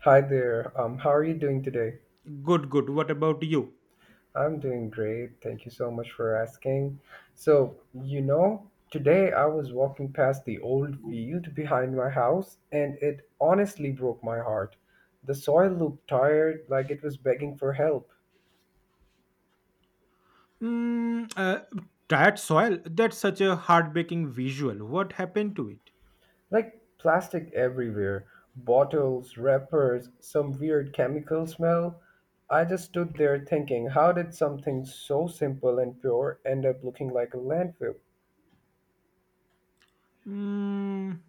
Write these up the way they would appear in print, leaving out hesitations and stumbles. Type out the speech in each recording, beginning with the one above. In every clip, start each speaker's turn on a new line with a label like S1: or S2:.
S1: Hi there. How are you doing today?
S2: Good, good. What about you?
S1: I'm doing great. Thank you so much for asking. So, you know, today I was walking past the old field behind my house and it honestly broke my heart. The soil looked tired, like it was begging for help.
S2: Mm, uh, Tired soil? That's such a heartbreaking visual. What happened to it?
S1: Like plastic everywhere, bottles, wrappers, some weird chemical smell. I just stood there thinking, how did something so simple and pure end up looking like a landfill?
S2: Mm,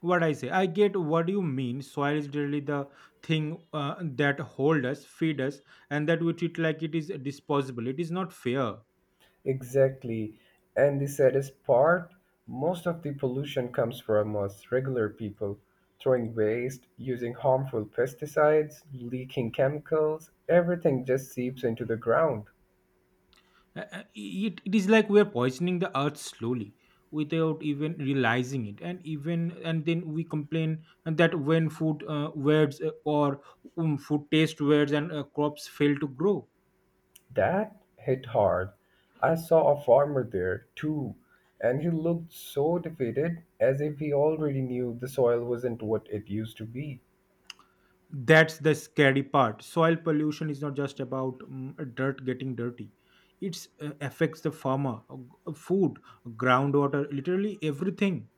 S2: what I say? I get what you mean. Soil is really the thing that hold us, feed us, and that we treat like it is disposable. It is not fair.
S1: Exactly. And the saddest part, most of the pollution comes from us regular people throwing waste, using harmful pesticides, leaking chemicals, everything just seeps into the ground.
S2: It is like we are poisoning the earth slowly without even realizing it and then we complain that when food taste words and crops fail to grow.
S1: That hit hard. I saw a farmer there too, and he looked so defeated as if he already knew the soil wasn't what it used to be.
S2: That's the scary part. Soil pollution is not just about dirt getting dirty. It affects the farmer, food, groundwater, literally everything.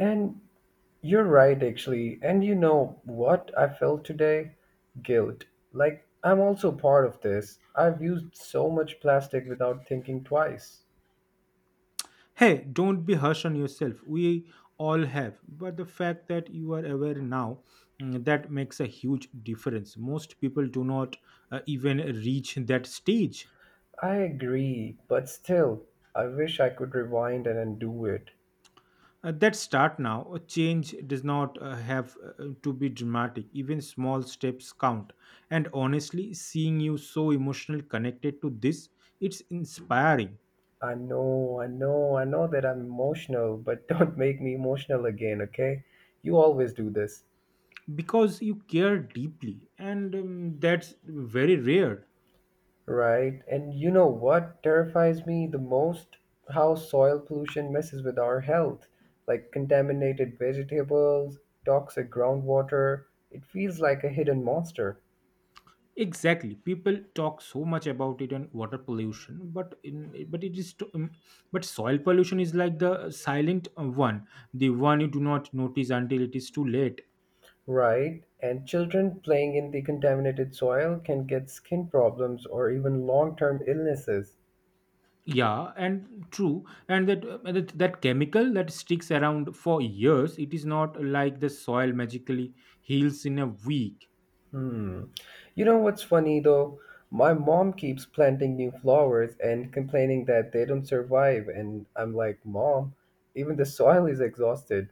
S1: And you're right, actually. And you know what I felt today? Guilt. Like, I'm also part of this. I've used so much plastic without thinking twice.
S2: Hey, don't be harsh on yourself. We all have. But the fact that you are aware now, mm, that makes a huge difference. Most people do not even reach that stage.
S1: I agree, but still, I wish I could rewind and undo it.
S2: That start now. A change does not have to be dramatic. Even small steps count. And honestly, seeing you so emotionally connected to this, it's inspiring
S1: I know that I'm emotional, but don't make me emotional again, okay? You always do this.
S2: because you care deeply, and that's very rare.
S1: Right. And you know what terrifies me the most? How soil pollution messes with our health, like contaminated vegetables, toxic groundwater. It feels like a hidden monster.
S2: Exactly. People talk so much about it and water pollution, but but soil pollution is like the silent one, the one you do not notice until it is too late.
S1: Right. And children playing in the contaminated soil can get skin problems or even long term illnesses.
S2: Yeah, and true, and that chemical that sticks around for years. It is not like the soil magically heals in a week.
S1: Hmm. You know what's funny though? My mom keeps planting new flowers and complaining that they don't survive. And I'm like, Mom, even the soil is exhausted.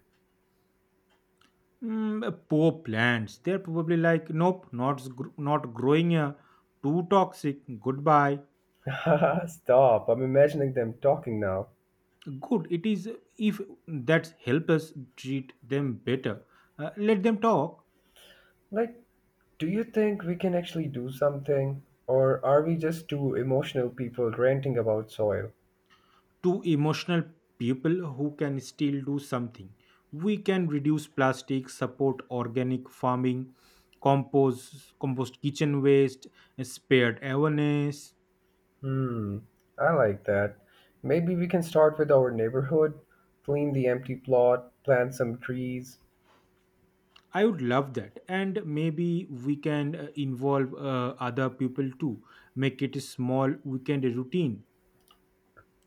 S2: Poor plants. They're probably like, nope, not s- gr- not growing. Too toxic. Goodbye.
S1: Stop. I'm imagining them talking now.
S2: Good it is, if that help us treat them better. Let them talk
S1: Like, do you think we can actually do something? Or are we just two emotional people ranting about soil?
S2: to emotional people who can still do something. We can reduce plastic, support organic farming, compost compost kitchen waste, spared awareness.
S1: Hmm, I like that. Maybe we can start with our neighborhood, clean the empty plot, plant some trees,
S2: I would love that, and maybe we can involve other people too, make it a small weekend routine.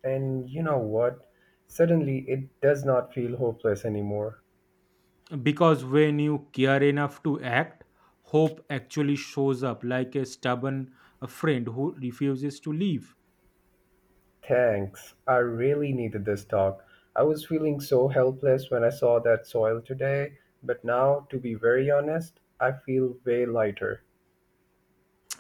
S1: and you know what? Suddenly it does not feel hopeless anymore.
S2: Because when you care enough to act, hope actually shows up like a stubborn friend who refuses to leave.
S1: Thanks. I really needed this talk. I was feeling so helpless when I saw that soil today, but now, to be very honest, I feel way lighter.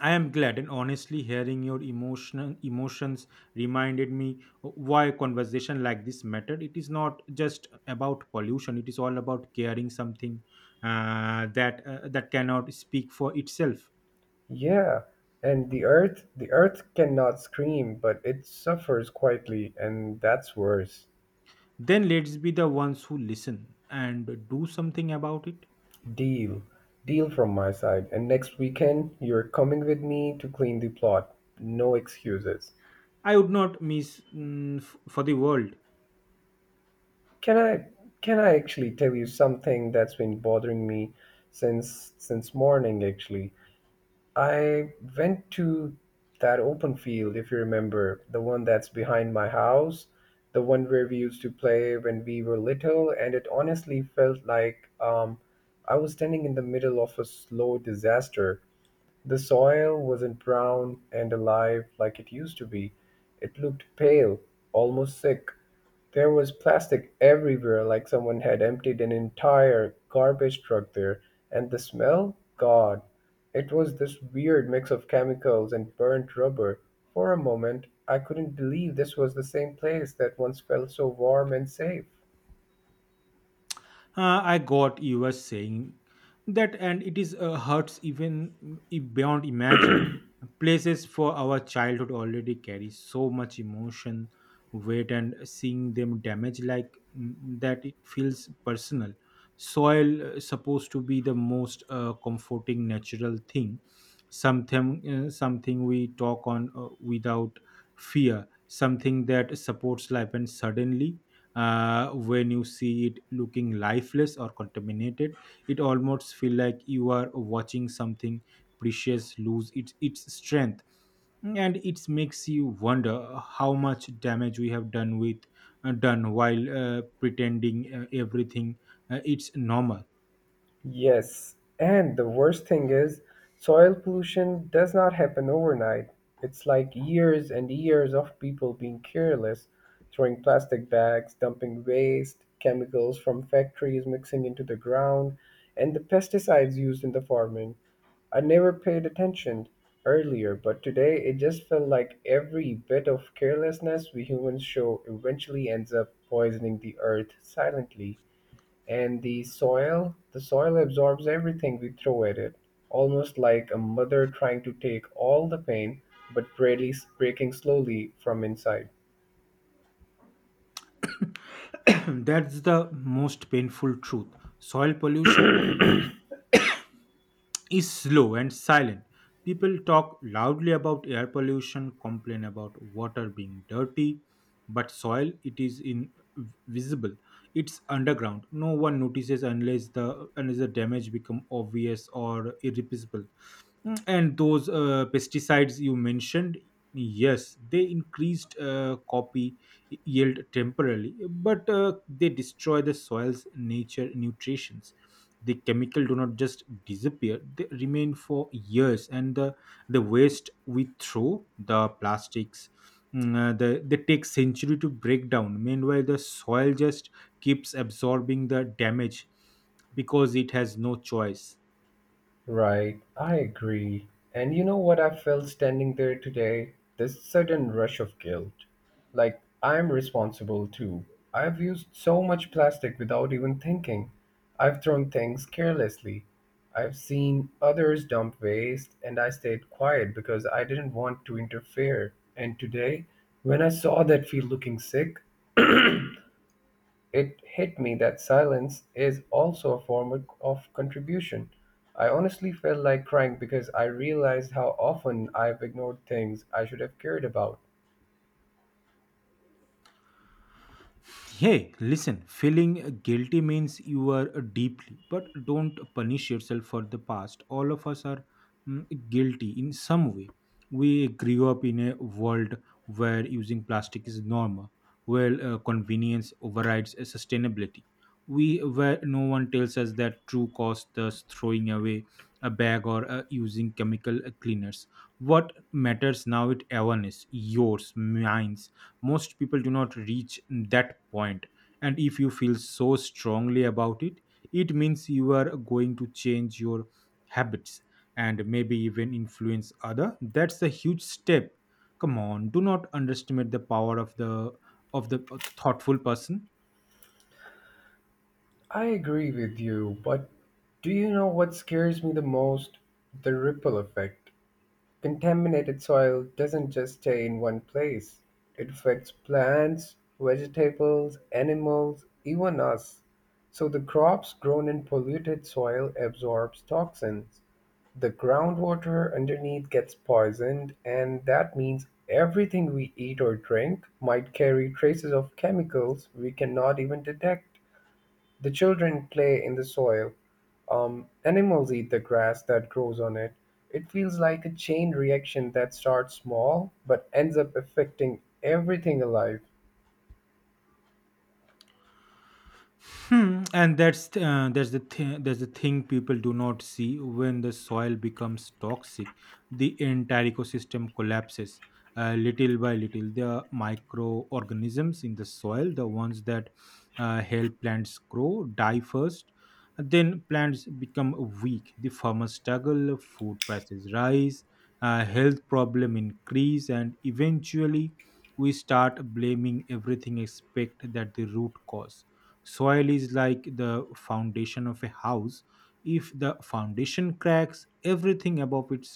S2: I am glad, and honestly, hearing your emotional emotions reminded me why conversation like this mattered. It is not just about pollution; it is all about caring something that cannot speak for itself.
S1: Yeah, and the earth cannot scream, but it suffers quietly, and that's worse.
S2: Then let's be the ones who listen and do something about it.
S1: Deal. Deal from my side. And next weekend, you're coming with me to clean the plot. No excuses.
S2: I would not miss for the world.
S1: Can I can I actually tell you something that's been bothering me since morning actually? I went to that open field, if you remember, the one that's behind my house, the one where we used to play when we were little, and it honestly felt like I was standing in the middle of a slow disaster. The soil wasn't brown and alive like it used to be, it looked pale, almost sick. There was plastic everywhere like someone had emptied an entire garbage truck there. And the smell? God, it was this weird mix of chemicals and burnt rubber. For a moment, I couldn't believe this was the same place that once felt so warm and safe.
S2: I got you were saying that, and it is hurts even beyond imagine. Places for our childhood already carry so much emotion, weight, and seeing them damaged like mm, that, it feels personal. Soil supposed to be the most comforting natural thing, something we talk on without fear, something that supports life, and suddenly when you see it looking lifeless or contaminated, it almost feel like you are watching something precious lose its strength, and it makes you wonder how much damage we have done with done while pretending everything it's normal.
S1: Yes, and the worst thing is, soil pollution does not happen overnight. It's like years and years of people being careless, throwing plastic bags, dumping waste, chemicals from factories mixing into the ground, and the pesticides used in the farming. I never paid attention earlier, but today it just felt like every bit of carelessness we humans show eventually ends up poisoning the earth silently. And the soil absorbs everything we throw at it, almost like a mother trying to take all the pain, but barely breaking slowly from inside.
S2: That's the most painful truth. Soil pollution is slow and silent. People talk loudly about air pollution, complain about water being dirty, but soil, it is invisible. It's underground. No one notices unless the damage become obvious or irreplaceable. Mm, and those pesticides you mentioned, yes, they increased copy yield temporarily, but they destroy the soil's nature nutrition. The chemical do not just disappear, they remain for years and the waste we throw, the plastics, they take century to break down. Meanwhile, the soil just keeps absorbing the damage because it has no choice.
S1: Right, I agree. And you know what I felt standing there today? This sudden rush of guilt. Like, I'm responsible too. I've used so much plastic without even thinking. I've thrown things carelessly. I've seen others dump waste, and I stayed quiet because I didn't want to interfere. And today, when I saw that field looking sick, it hit me that silence is also a form of contribution. I honestly felt like crying because I realized how often I've ignored things I should have cared about.
S2: Hey, listen, feeling guilty means you are deeply, but don't punish yourself for the past. All of us are, mm, guilty in some way. We grew up in a world where using plastic is normal, where convenience overrides sustainability. We where no one tells us that true cost is throwing away a bag or using chemical cleaners. What matters now is awareness, yours, mine, most people do not reach that point. And if you feel so strongly about it, it means you are going to change your habits and maybe even influence other. That's a huge step. Come on, do not underestimate the power of the thoughtful person.
S1: I agree with you, but do you know what scares me the most? The ripple effect. Contaminated soil doesn't just stay in one place, it affects plants, vegetables, animals, even us. So the crops grown in polluted soil absorbs toxins. The groundwater underneath gets poisoned and that means everything we eat or drink might carry traces of chemicals we cannot even detect. The children play in the soil. Animals eat the grass that grows on it. It feels like a chain reaction that starts small but ends up affecting everything alive.
S2: Hmm. And that's the thing people do not see. When the soil becomes toxic, the entire ecosystem collapses little by little. The microorganisms in the soil, the ones that help plants grow, die first. Then plants become weak. The farmers struggle. Food prices rise. Health problem increase, and eventually we start blaming everything except that the root cause. Soil is like the foundation of a house. If the foundation cracks, everything above it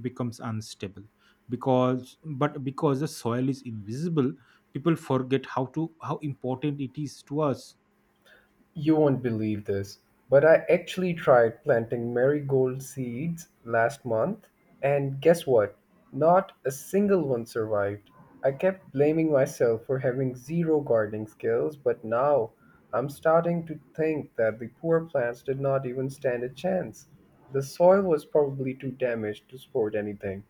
S2: becomes unstable. Because the soil is invisible, people forget how important it is to us.
S1: You won't believe this, but I actually tried planting marigold seeds last month, and guess what? Not a single one survived. I kept blaming myself for having zero gardening skills, but now I'm starting to think that the poor plants did not even stand a chance. The soil was probably too damaged to support anything.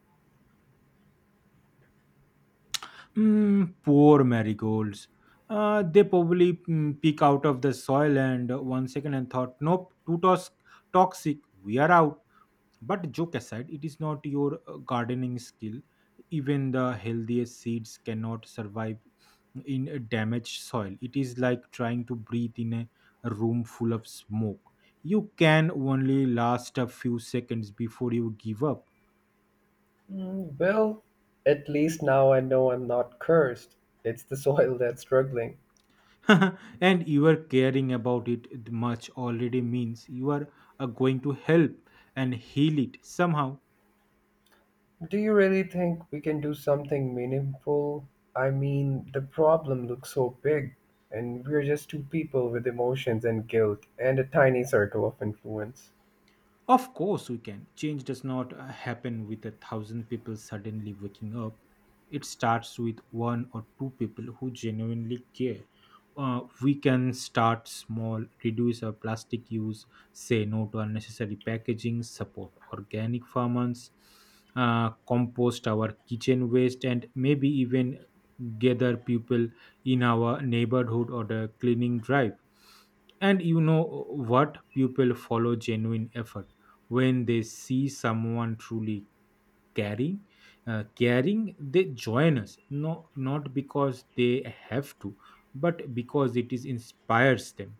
S2: Poor marigolds. They probably, mm, peek out of the soil and 1 second and thought, nope, toxic. We are out. But joke aside, it is not your gardening skill. Even the healthiest seeds cannot survive in a damaged soil. It is like trying to breathe in a room full of smoke. You can only last a few seconds before you give up.
S1: Mm, well, at least now I know I'm not cursed. It's the soil that's struggling.
S2: And you are caring about it much already means you are going to help and heal it somehow.
S1: Do you really think we can do something meaningful? I mean, the problem looks so big, and we're just two people with emotions and guilt and a tiny circle of influence.
S2: Of course, we can. Change does not happen with a thousand people suddenly waking up. It starts with one or two people who genuinely care. We can start small, reduce our plastic use, say no to unnecessary packaging, support organic farmers, compost our kitchen waste, and maybe even gather people in our neighborhood or the cleaning drive. And you know what? People follow genuine effort. When they see someone truly caring, they join us. No, not because they have to, but because it is inspires them.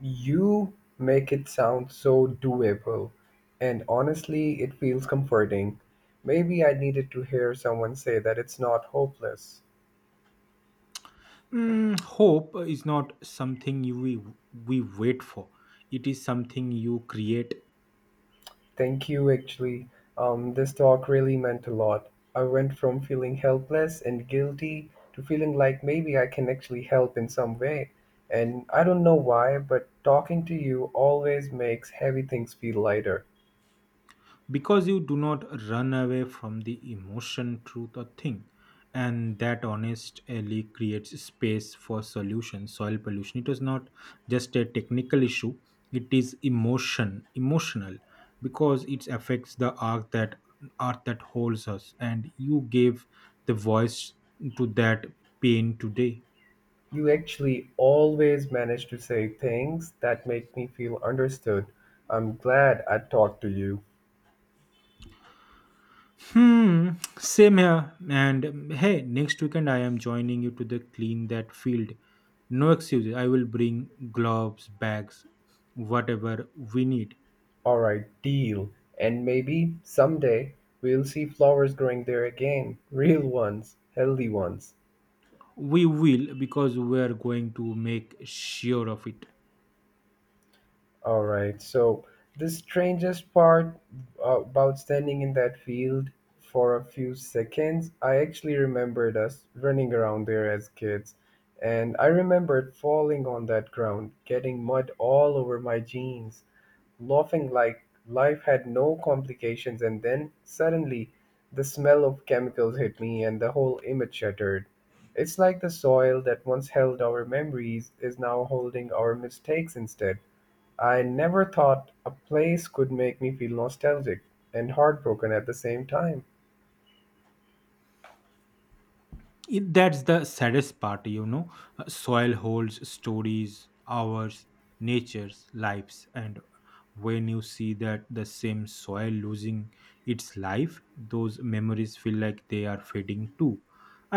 S1: You make it sound so doable, and honestly, it feels comforting. Maybe I needed to hear someone say that it's not hopeless.
S2: Mm, hope is not something we wait for. It is something you create.
S1: Thank you, actually. This talk really meant a lot. I went from feeling helpless and guilty to feeling like maybe I can actually help in some way. And I don't know why, but talking to you always makes heavy things feel lighter.
S2: Because you do not run away from the emotion truth or thing, and that honestly creates space for solution. Soil pollution, it is not just a technical issue, it is emotional, because it affects the art that holds us, and you gave the voice to that pain today.
S1: You actually always manage to say things that make me feel understood. I'm glad I talked to you.
S2: Hmm, same here. And hey, next weekend I am joining you to the clean that field. No excuses. I will bring gloves, bags, whatever we need.
S1: All right, deal. And maybe someday we'll see flowers growing there again. Real ones, healthy ones.
S2: We will, because we are going to make sure of it.
S1: All right. So the strangest part about standing in that field for a few seconds, I actually remembered us running around there as kids. And I remembered falling on that ground, getting mud all over my jeans, laughing like life had no complications. And then suddenly the smell of chemicals hit me and the whole image shattered. It's like the soil that once held our memories is now holding our mistakes instead. I never thought a place could make me feel nostalgic and heartbroken at the same time.
S2: It- that's the saddest part, you know. Soil holds stories, ours, nature's lives, and when you see that the same soil losing its life, those memories feel like they are fading too.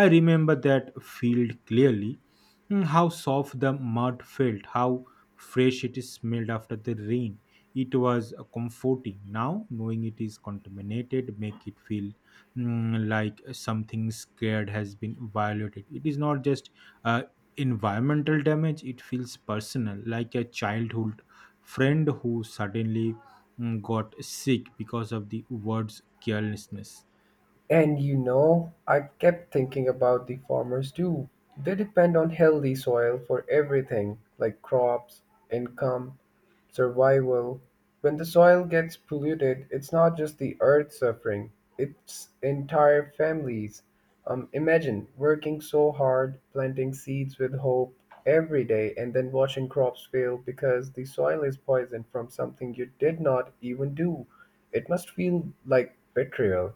S2: I remember that field clearly. Mm, how soft the mud felt, how fresh it smelled after the rain. It was comforting. Now knowing it is contaminated make it feel, mm, like something scared has been violated. It is not just uh, environmental damage, it feels personal, like a childhood friend who suddenly, mm, got sick because of the word's carelessness.
S1: And you know, I kept thinking about the farmers too. They depend on healthy soil for everything like crops, income, survival. When the soil gets polluted, it's not just the earth suffering, it's entire families. Imagine working so hard, planting seeds with hope every day, and then watching crops fail because the soil is poisoned from something you did not even do. It must feel like betrayal.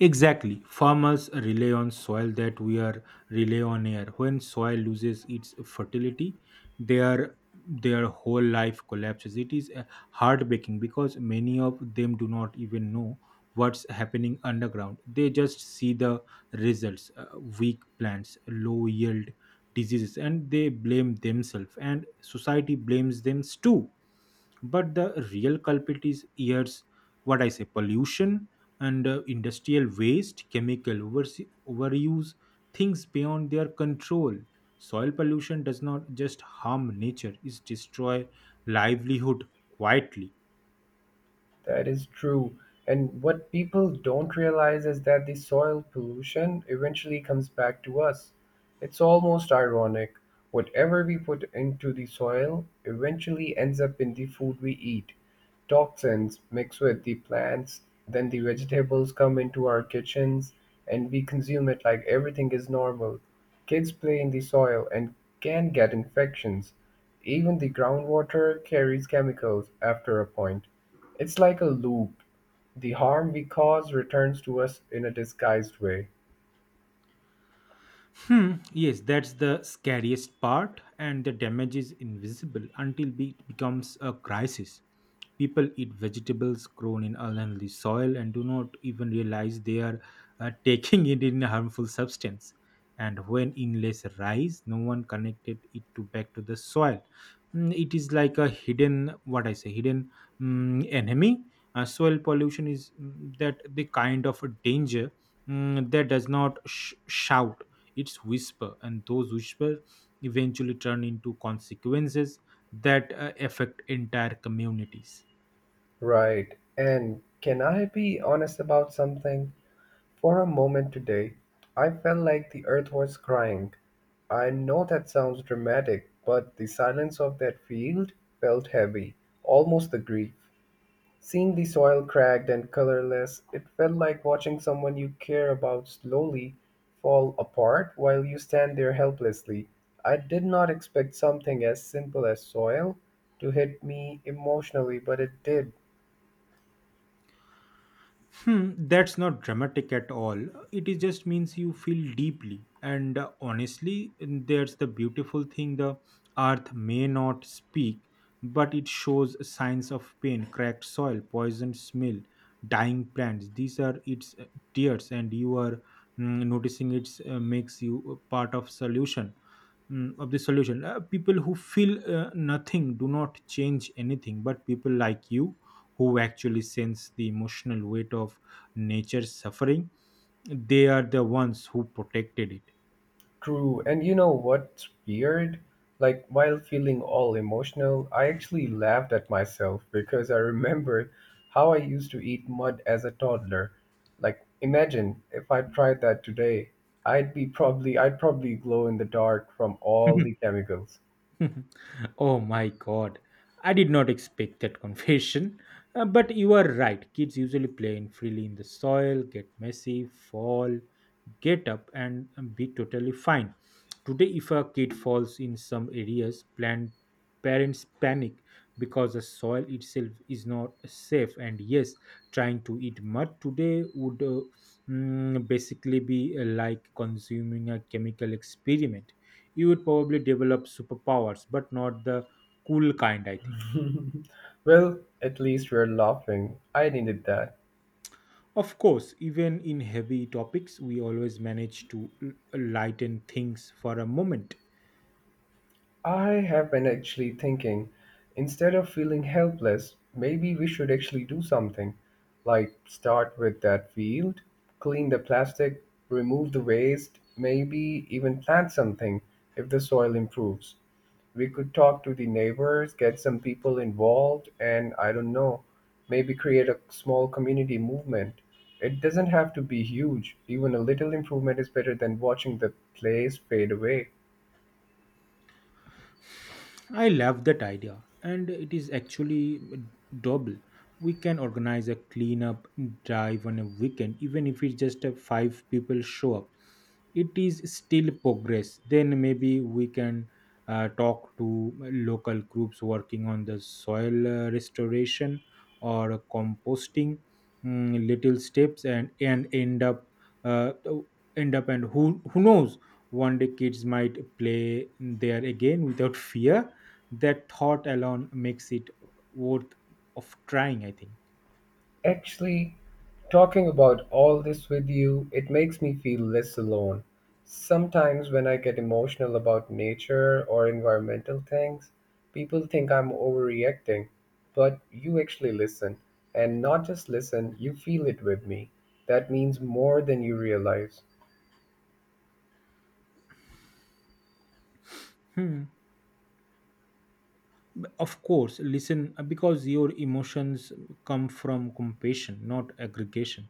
S2: Exactly. Farmers rely on soil that we are rely on air. When soil loses its fertility, their their whole life collapses. It is heartbreaking because many of them do not even know what's happening underground. They just see the results: weak plants, low yield, diseases, and they blame themselves, and society blames them too. But the real culprit is years, what I say, pollution, and industrial waste, chemical overuse, things beyond their control. Soil pollution does not just harm nature, it destroy livelihood quietly.
S1: That is true. And what people don't realize is that the soil pollution eventually comes back to us. It's almost ironic. Whatever we put into the soil eventually ends up in the food we eat. Toxins mix with the plants, then the vegetables come into our kitchens, and we consume it like everything is normal. Kids play in the soil and can get infections. Even the groundwater carries chemicals after a point. It's like a loop. The harm we cause returns to us in a disguised way.
S2: Hmm, yes, that's the scariest part, and the damage is invisible it becomes a crisis. People eat vegetables grown in unhealthy soil and do not even realize they are taking it in a harmful substance. And when inlays rise, no one connected it to back to the soil. Mm, it is like a hidden, what I say, hidden, mm, enemy. Soil pollution is, mm, that the kind of a danger, mm, that does not shout its whisper, and those whispers eventually turn into consequences that affect entire communities.
S1: Right. And can I be honest about something? For a moment today, I felt like the earth was crying. I know that sounds dramatic, but the silence of that field felt heavy, almost the grief. Seeing the soil cracked and colorless, it felt like watching someone you care about slowly fall apart while you stand there helplessly. I did not expect something as simple as soil to hit me emotionally, but it did.
S2: Hmm, that's not dramatic at all. It is just means you feel deeply. And honestly, and that's the beautiful thing, the earth may not speak, but it shows signs of pain, cracked soil, poisoned smell, dying plants. These are its tears, and you are, mm, noticing it makes you a part of solution, mm, of the solution. People who feel nothing do not change anything, but people like you who actually sense the emotional weight of nature's suffering, they are the ones who protected it.
S1: True. And you know what's weird? Like, while feeling all emotional, I actually laughed at myself because I remembered how I used to eat mud as a toddler. Like, imagine if I tried that today, I'd probably glow in the dark from all the chemicals.
S2: Oh my god, I did not expect that confession. But you are right, kids usually play in freely in the soil, get messy, fall, get up, and be totally fine. Today, if a kid falls in some areas, parents panic because the soil itself is not safe. And yes, trying to eat mud today would basically be like consuming a chemical experiment. You would probably develop superpowers, but not the cool kind, I think.
S1: Well, at least we're laughing. I needed that.
S2: Of course, even in heavy topics, we always manage to lighten things for a moment.
S1: I have been actually thinking, instead of feeling helpless, maybe we should actually do something. Like start with that field, clean the plastic, remove the waste, maybe even plant something if the soil improves. We could talk to the neighbors, get some people involved, and I don't know, maybe create a small community movement. It doesn't have to be huge, even a little improvement is better than watching the place fade away.
S2: I love that idea, and it is actually doable. We can organize a cleanup drive on a weekend, even if it's just a five people show up. It is still progress. Then maybe we can talk to local groups working on the soil restoration or composting. Little steps and uh, end up and who knows, one day kids might play there again without fear. That thought alone makes it worth of trying, I think.
S1: Actually, talking about all this with you, it makes me feel less alone. Sometimes, when I get emotional about nature or environmental things, people think I'm overreacting. But you actually listen, and not just listen, you feel it with me. That means more than you realize.
S2: Hmm. Of course, listen because your emotions come from compassion, not aggregation.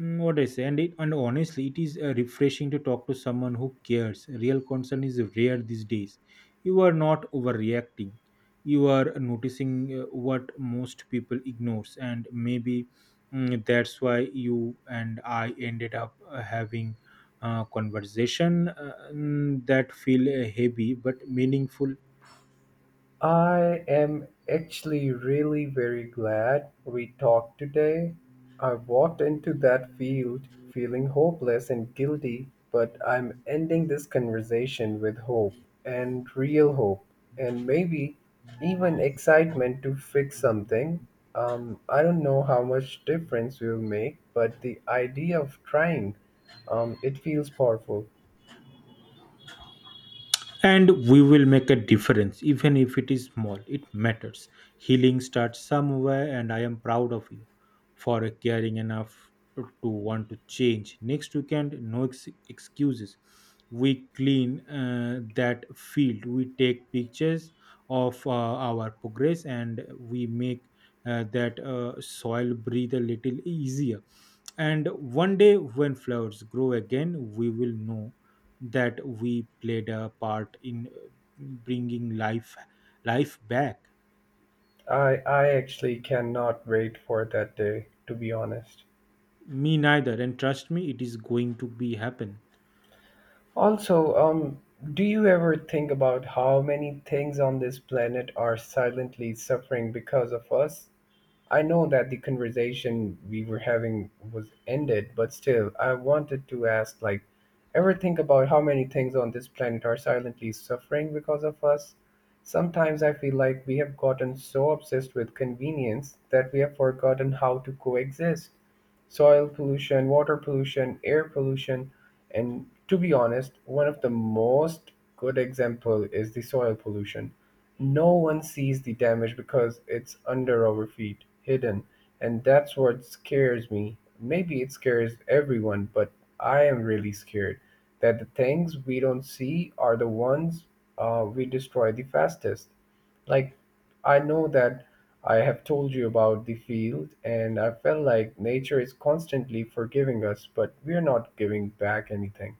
S2: What I say, and it, and honestly, it is refreshing to talk to someone who cares. Real concern is rare these days. You are not overreacting. You are noticing what most people ignores, and maybe that's why you and I ended up having a conversation that feel heavy but meaningful.
S1: I am actually really very glad we talked today. I walked into that field feeling hopeless and guilty, but I'm ending this conversation with hope and real hope and maybe even excitement to fix something. I don't know how much difference we'll make, but the idea of trying, it feels powerful.
S2: And we will make a difference. Even if it is small, it matters. Healing starts somewhere, and I am proud of you for caring enough to want to change. Next weekend, no excuses. We clean that field, we take pictures of our progress, and we make that soil breathe a little easier. And one day when flowers grow again, we will know that we played a part in bringing life back.
S1: I actually cannot wait for that day, to be honest.
S2: Me neither, and trust me, it is going to be happen.
S1: Also, do you ever think about how many things on this planet are silently suffering because of us? I know that the conversation we were having was ended, but still, I wanted to ask like, ever think about how many things on this planet are silently suffering because of us? Sometimes I feel like we have gotten so obsessed with convenience that we have forgotten how to coexist soil pollution, water pollution, air pollution, and to be honest, one of the most good example is the soil pollution. No one sees the damage because it's under our feet, hidden, and that's what scares me. Maybe it scares everyone, but I am really scared that the things we don't see are the ones we destroy the fastest. Like I know that I have told you about the field, and I felt like nature is constantly forgiving us, but we're not giving back anything.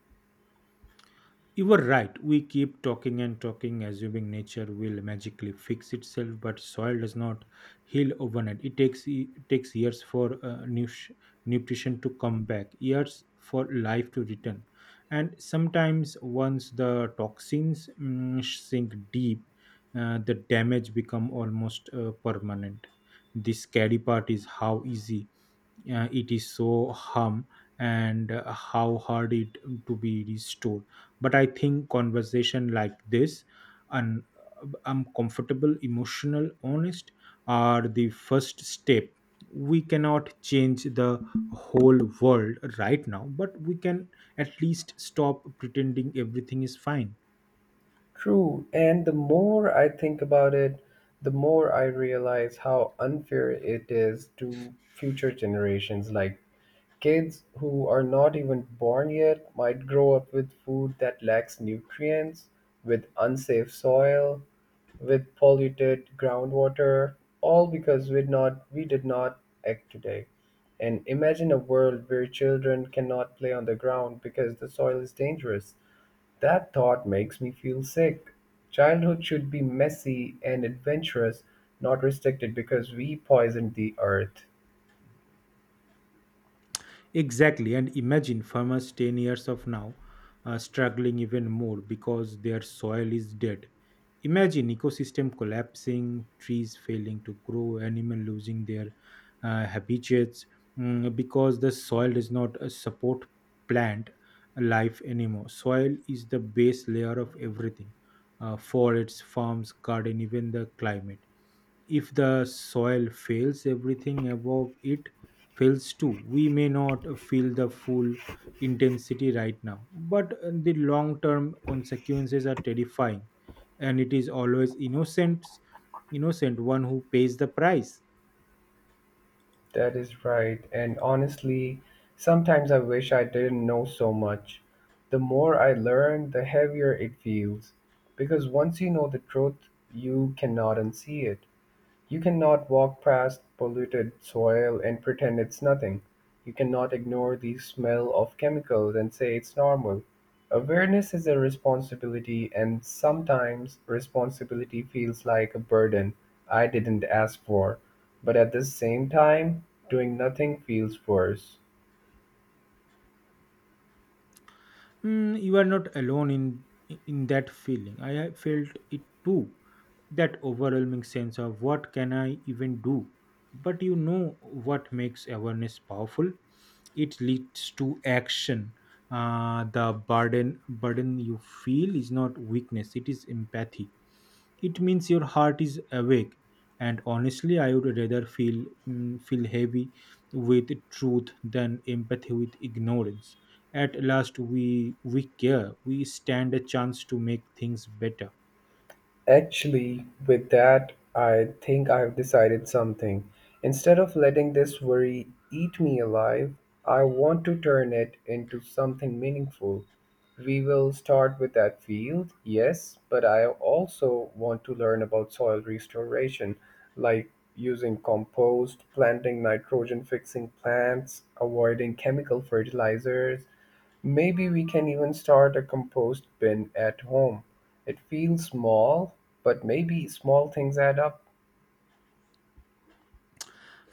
S2: You were right. We keep talking and talking, assuming nature will magically fix itself, but soil does not heal overnight. It takes years for nutrition to come back, years for life to return, and sometimes once the toxins sink deep, the damage become almost permanent. The scary part is how easy it is so harm and how hard it to be restored. But I think conversation like this, and I'm comfortable, emotional, honest, are the first step. We cannot change the whole world right now, but we can at least stop pretending everything is fine.
S1: True, and the more I think about it, the more I realize how unfair it is to future generations like kids who are not even born yet might grow up with food that lacks nutrients, with unsafe soil, with polluted groundwater, all because we did not act today. And imagine a world where children cannot play on the ground because the soil is dangerous. That thought makes me feel sick. Childhood should be messy and adventurous, not restricted because we poisoned the earth.
S2: Exactly. And imagine farmers 10 years of now struggling even more because their soil is dead. Imagine ecosystem collapsing, trees failing to grow, animal losing their habitats because the soil does not support plant life anymore. Soil is the base layer of everything, for its farms, garden, even the climate. If the soil fails, everything above it fails too. We may not feel the full intensity right now, but the long term consequences are terrifying, and it is always innocent, innocent one who pays the price.
S1: That is right. And honestly, sometimes I wish I didn't know so much. The more I learn, the heavier it feels. Because once you know the truth, you cannot unsee it. You cannot walk past polluted soil and pretend it's nothing. You cannot ignore the smell of chemicals and say it's normal. Awareness is a responsibility, and sometimes responsibility feels like a burden I didn't ask for. But at the same time, doing nothing feels worse.
S2: You are not alone in that feeling. I have felt it too. That overwhelming sense of what can I even do? But you know what makes awareness powerful? It leads to action. The burden you feel is not weakness; it is empathy. It means your heart is awake. And honestly, I would rather feel feel heavy with truth than empathy with ignorance. At last, we care. We stand a chance to make things better.
S1: Actually, with that, I think I've decided something. Instead of letting this worry eat me alive, I want to turn it into something meaningful. We will start with that field, yes, but I also want to learn about soil restoration, like using compost, planting nitrogen fixing plants, avoiding chemical fertilizers, maybe we can even start a compost bin at home. It feels small, but maybe small things add up.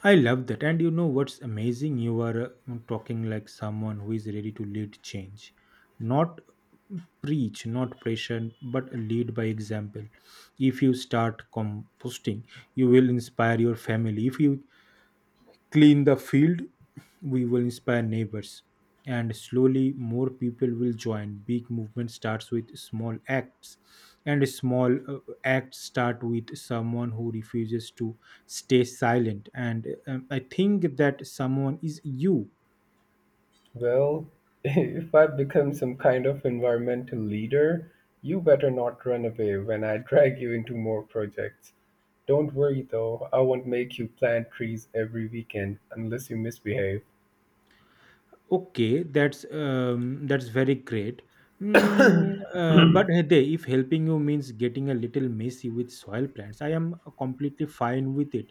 S2: I love that. And you know what's amazing? You are talking like someone who is ready to lead change. Not preach, not pressure, but lead by example. If you start composting, you will inspire your family. If you clean the field, we will inspire neighbors. And slowly, more people will join. Big movement starts with small acts, and small acts start with someone who refuses to stay silent. And I think that someone is you.
S1: Well, if I become some kind of environmental leader, you better not run away when I drag you into more projects. Don't worry though, I won't make you plant trees every weekend unless you misbehave.
S2: Okay, that's very great. But Hede, if helping you means getting a little messy with soil plants, I am completely fine with it.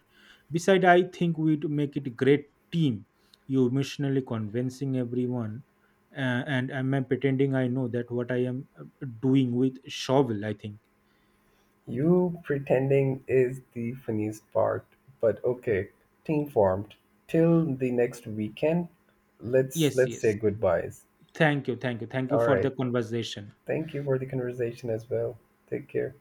S2: Besides, I think we'd make it a great team. You emotionally convincing everyone, uh, and am I pretending I know that what I am doing with shovel? I think.
S1: You pretending is the funniest part, but okay, team formed. Till the next weekend, let's
S2: Yes,
S1: let's say
S2: yes.
S1: goodbyes.
S2: Thank you, thank you, thank you
S1: All
S2: for the
S1: right.
S2: conversation.
S1: Thank you for the conversation as well. Take care.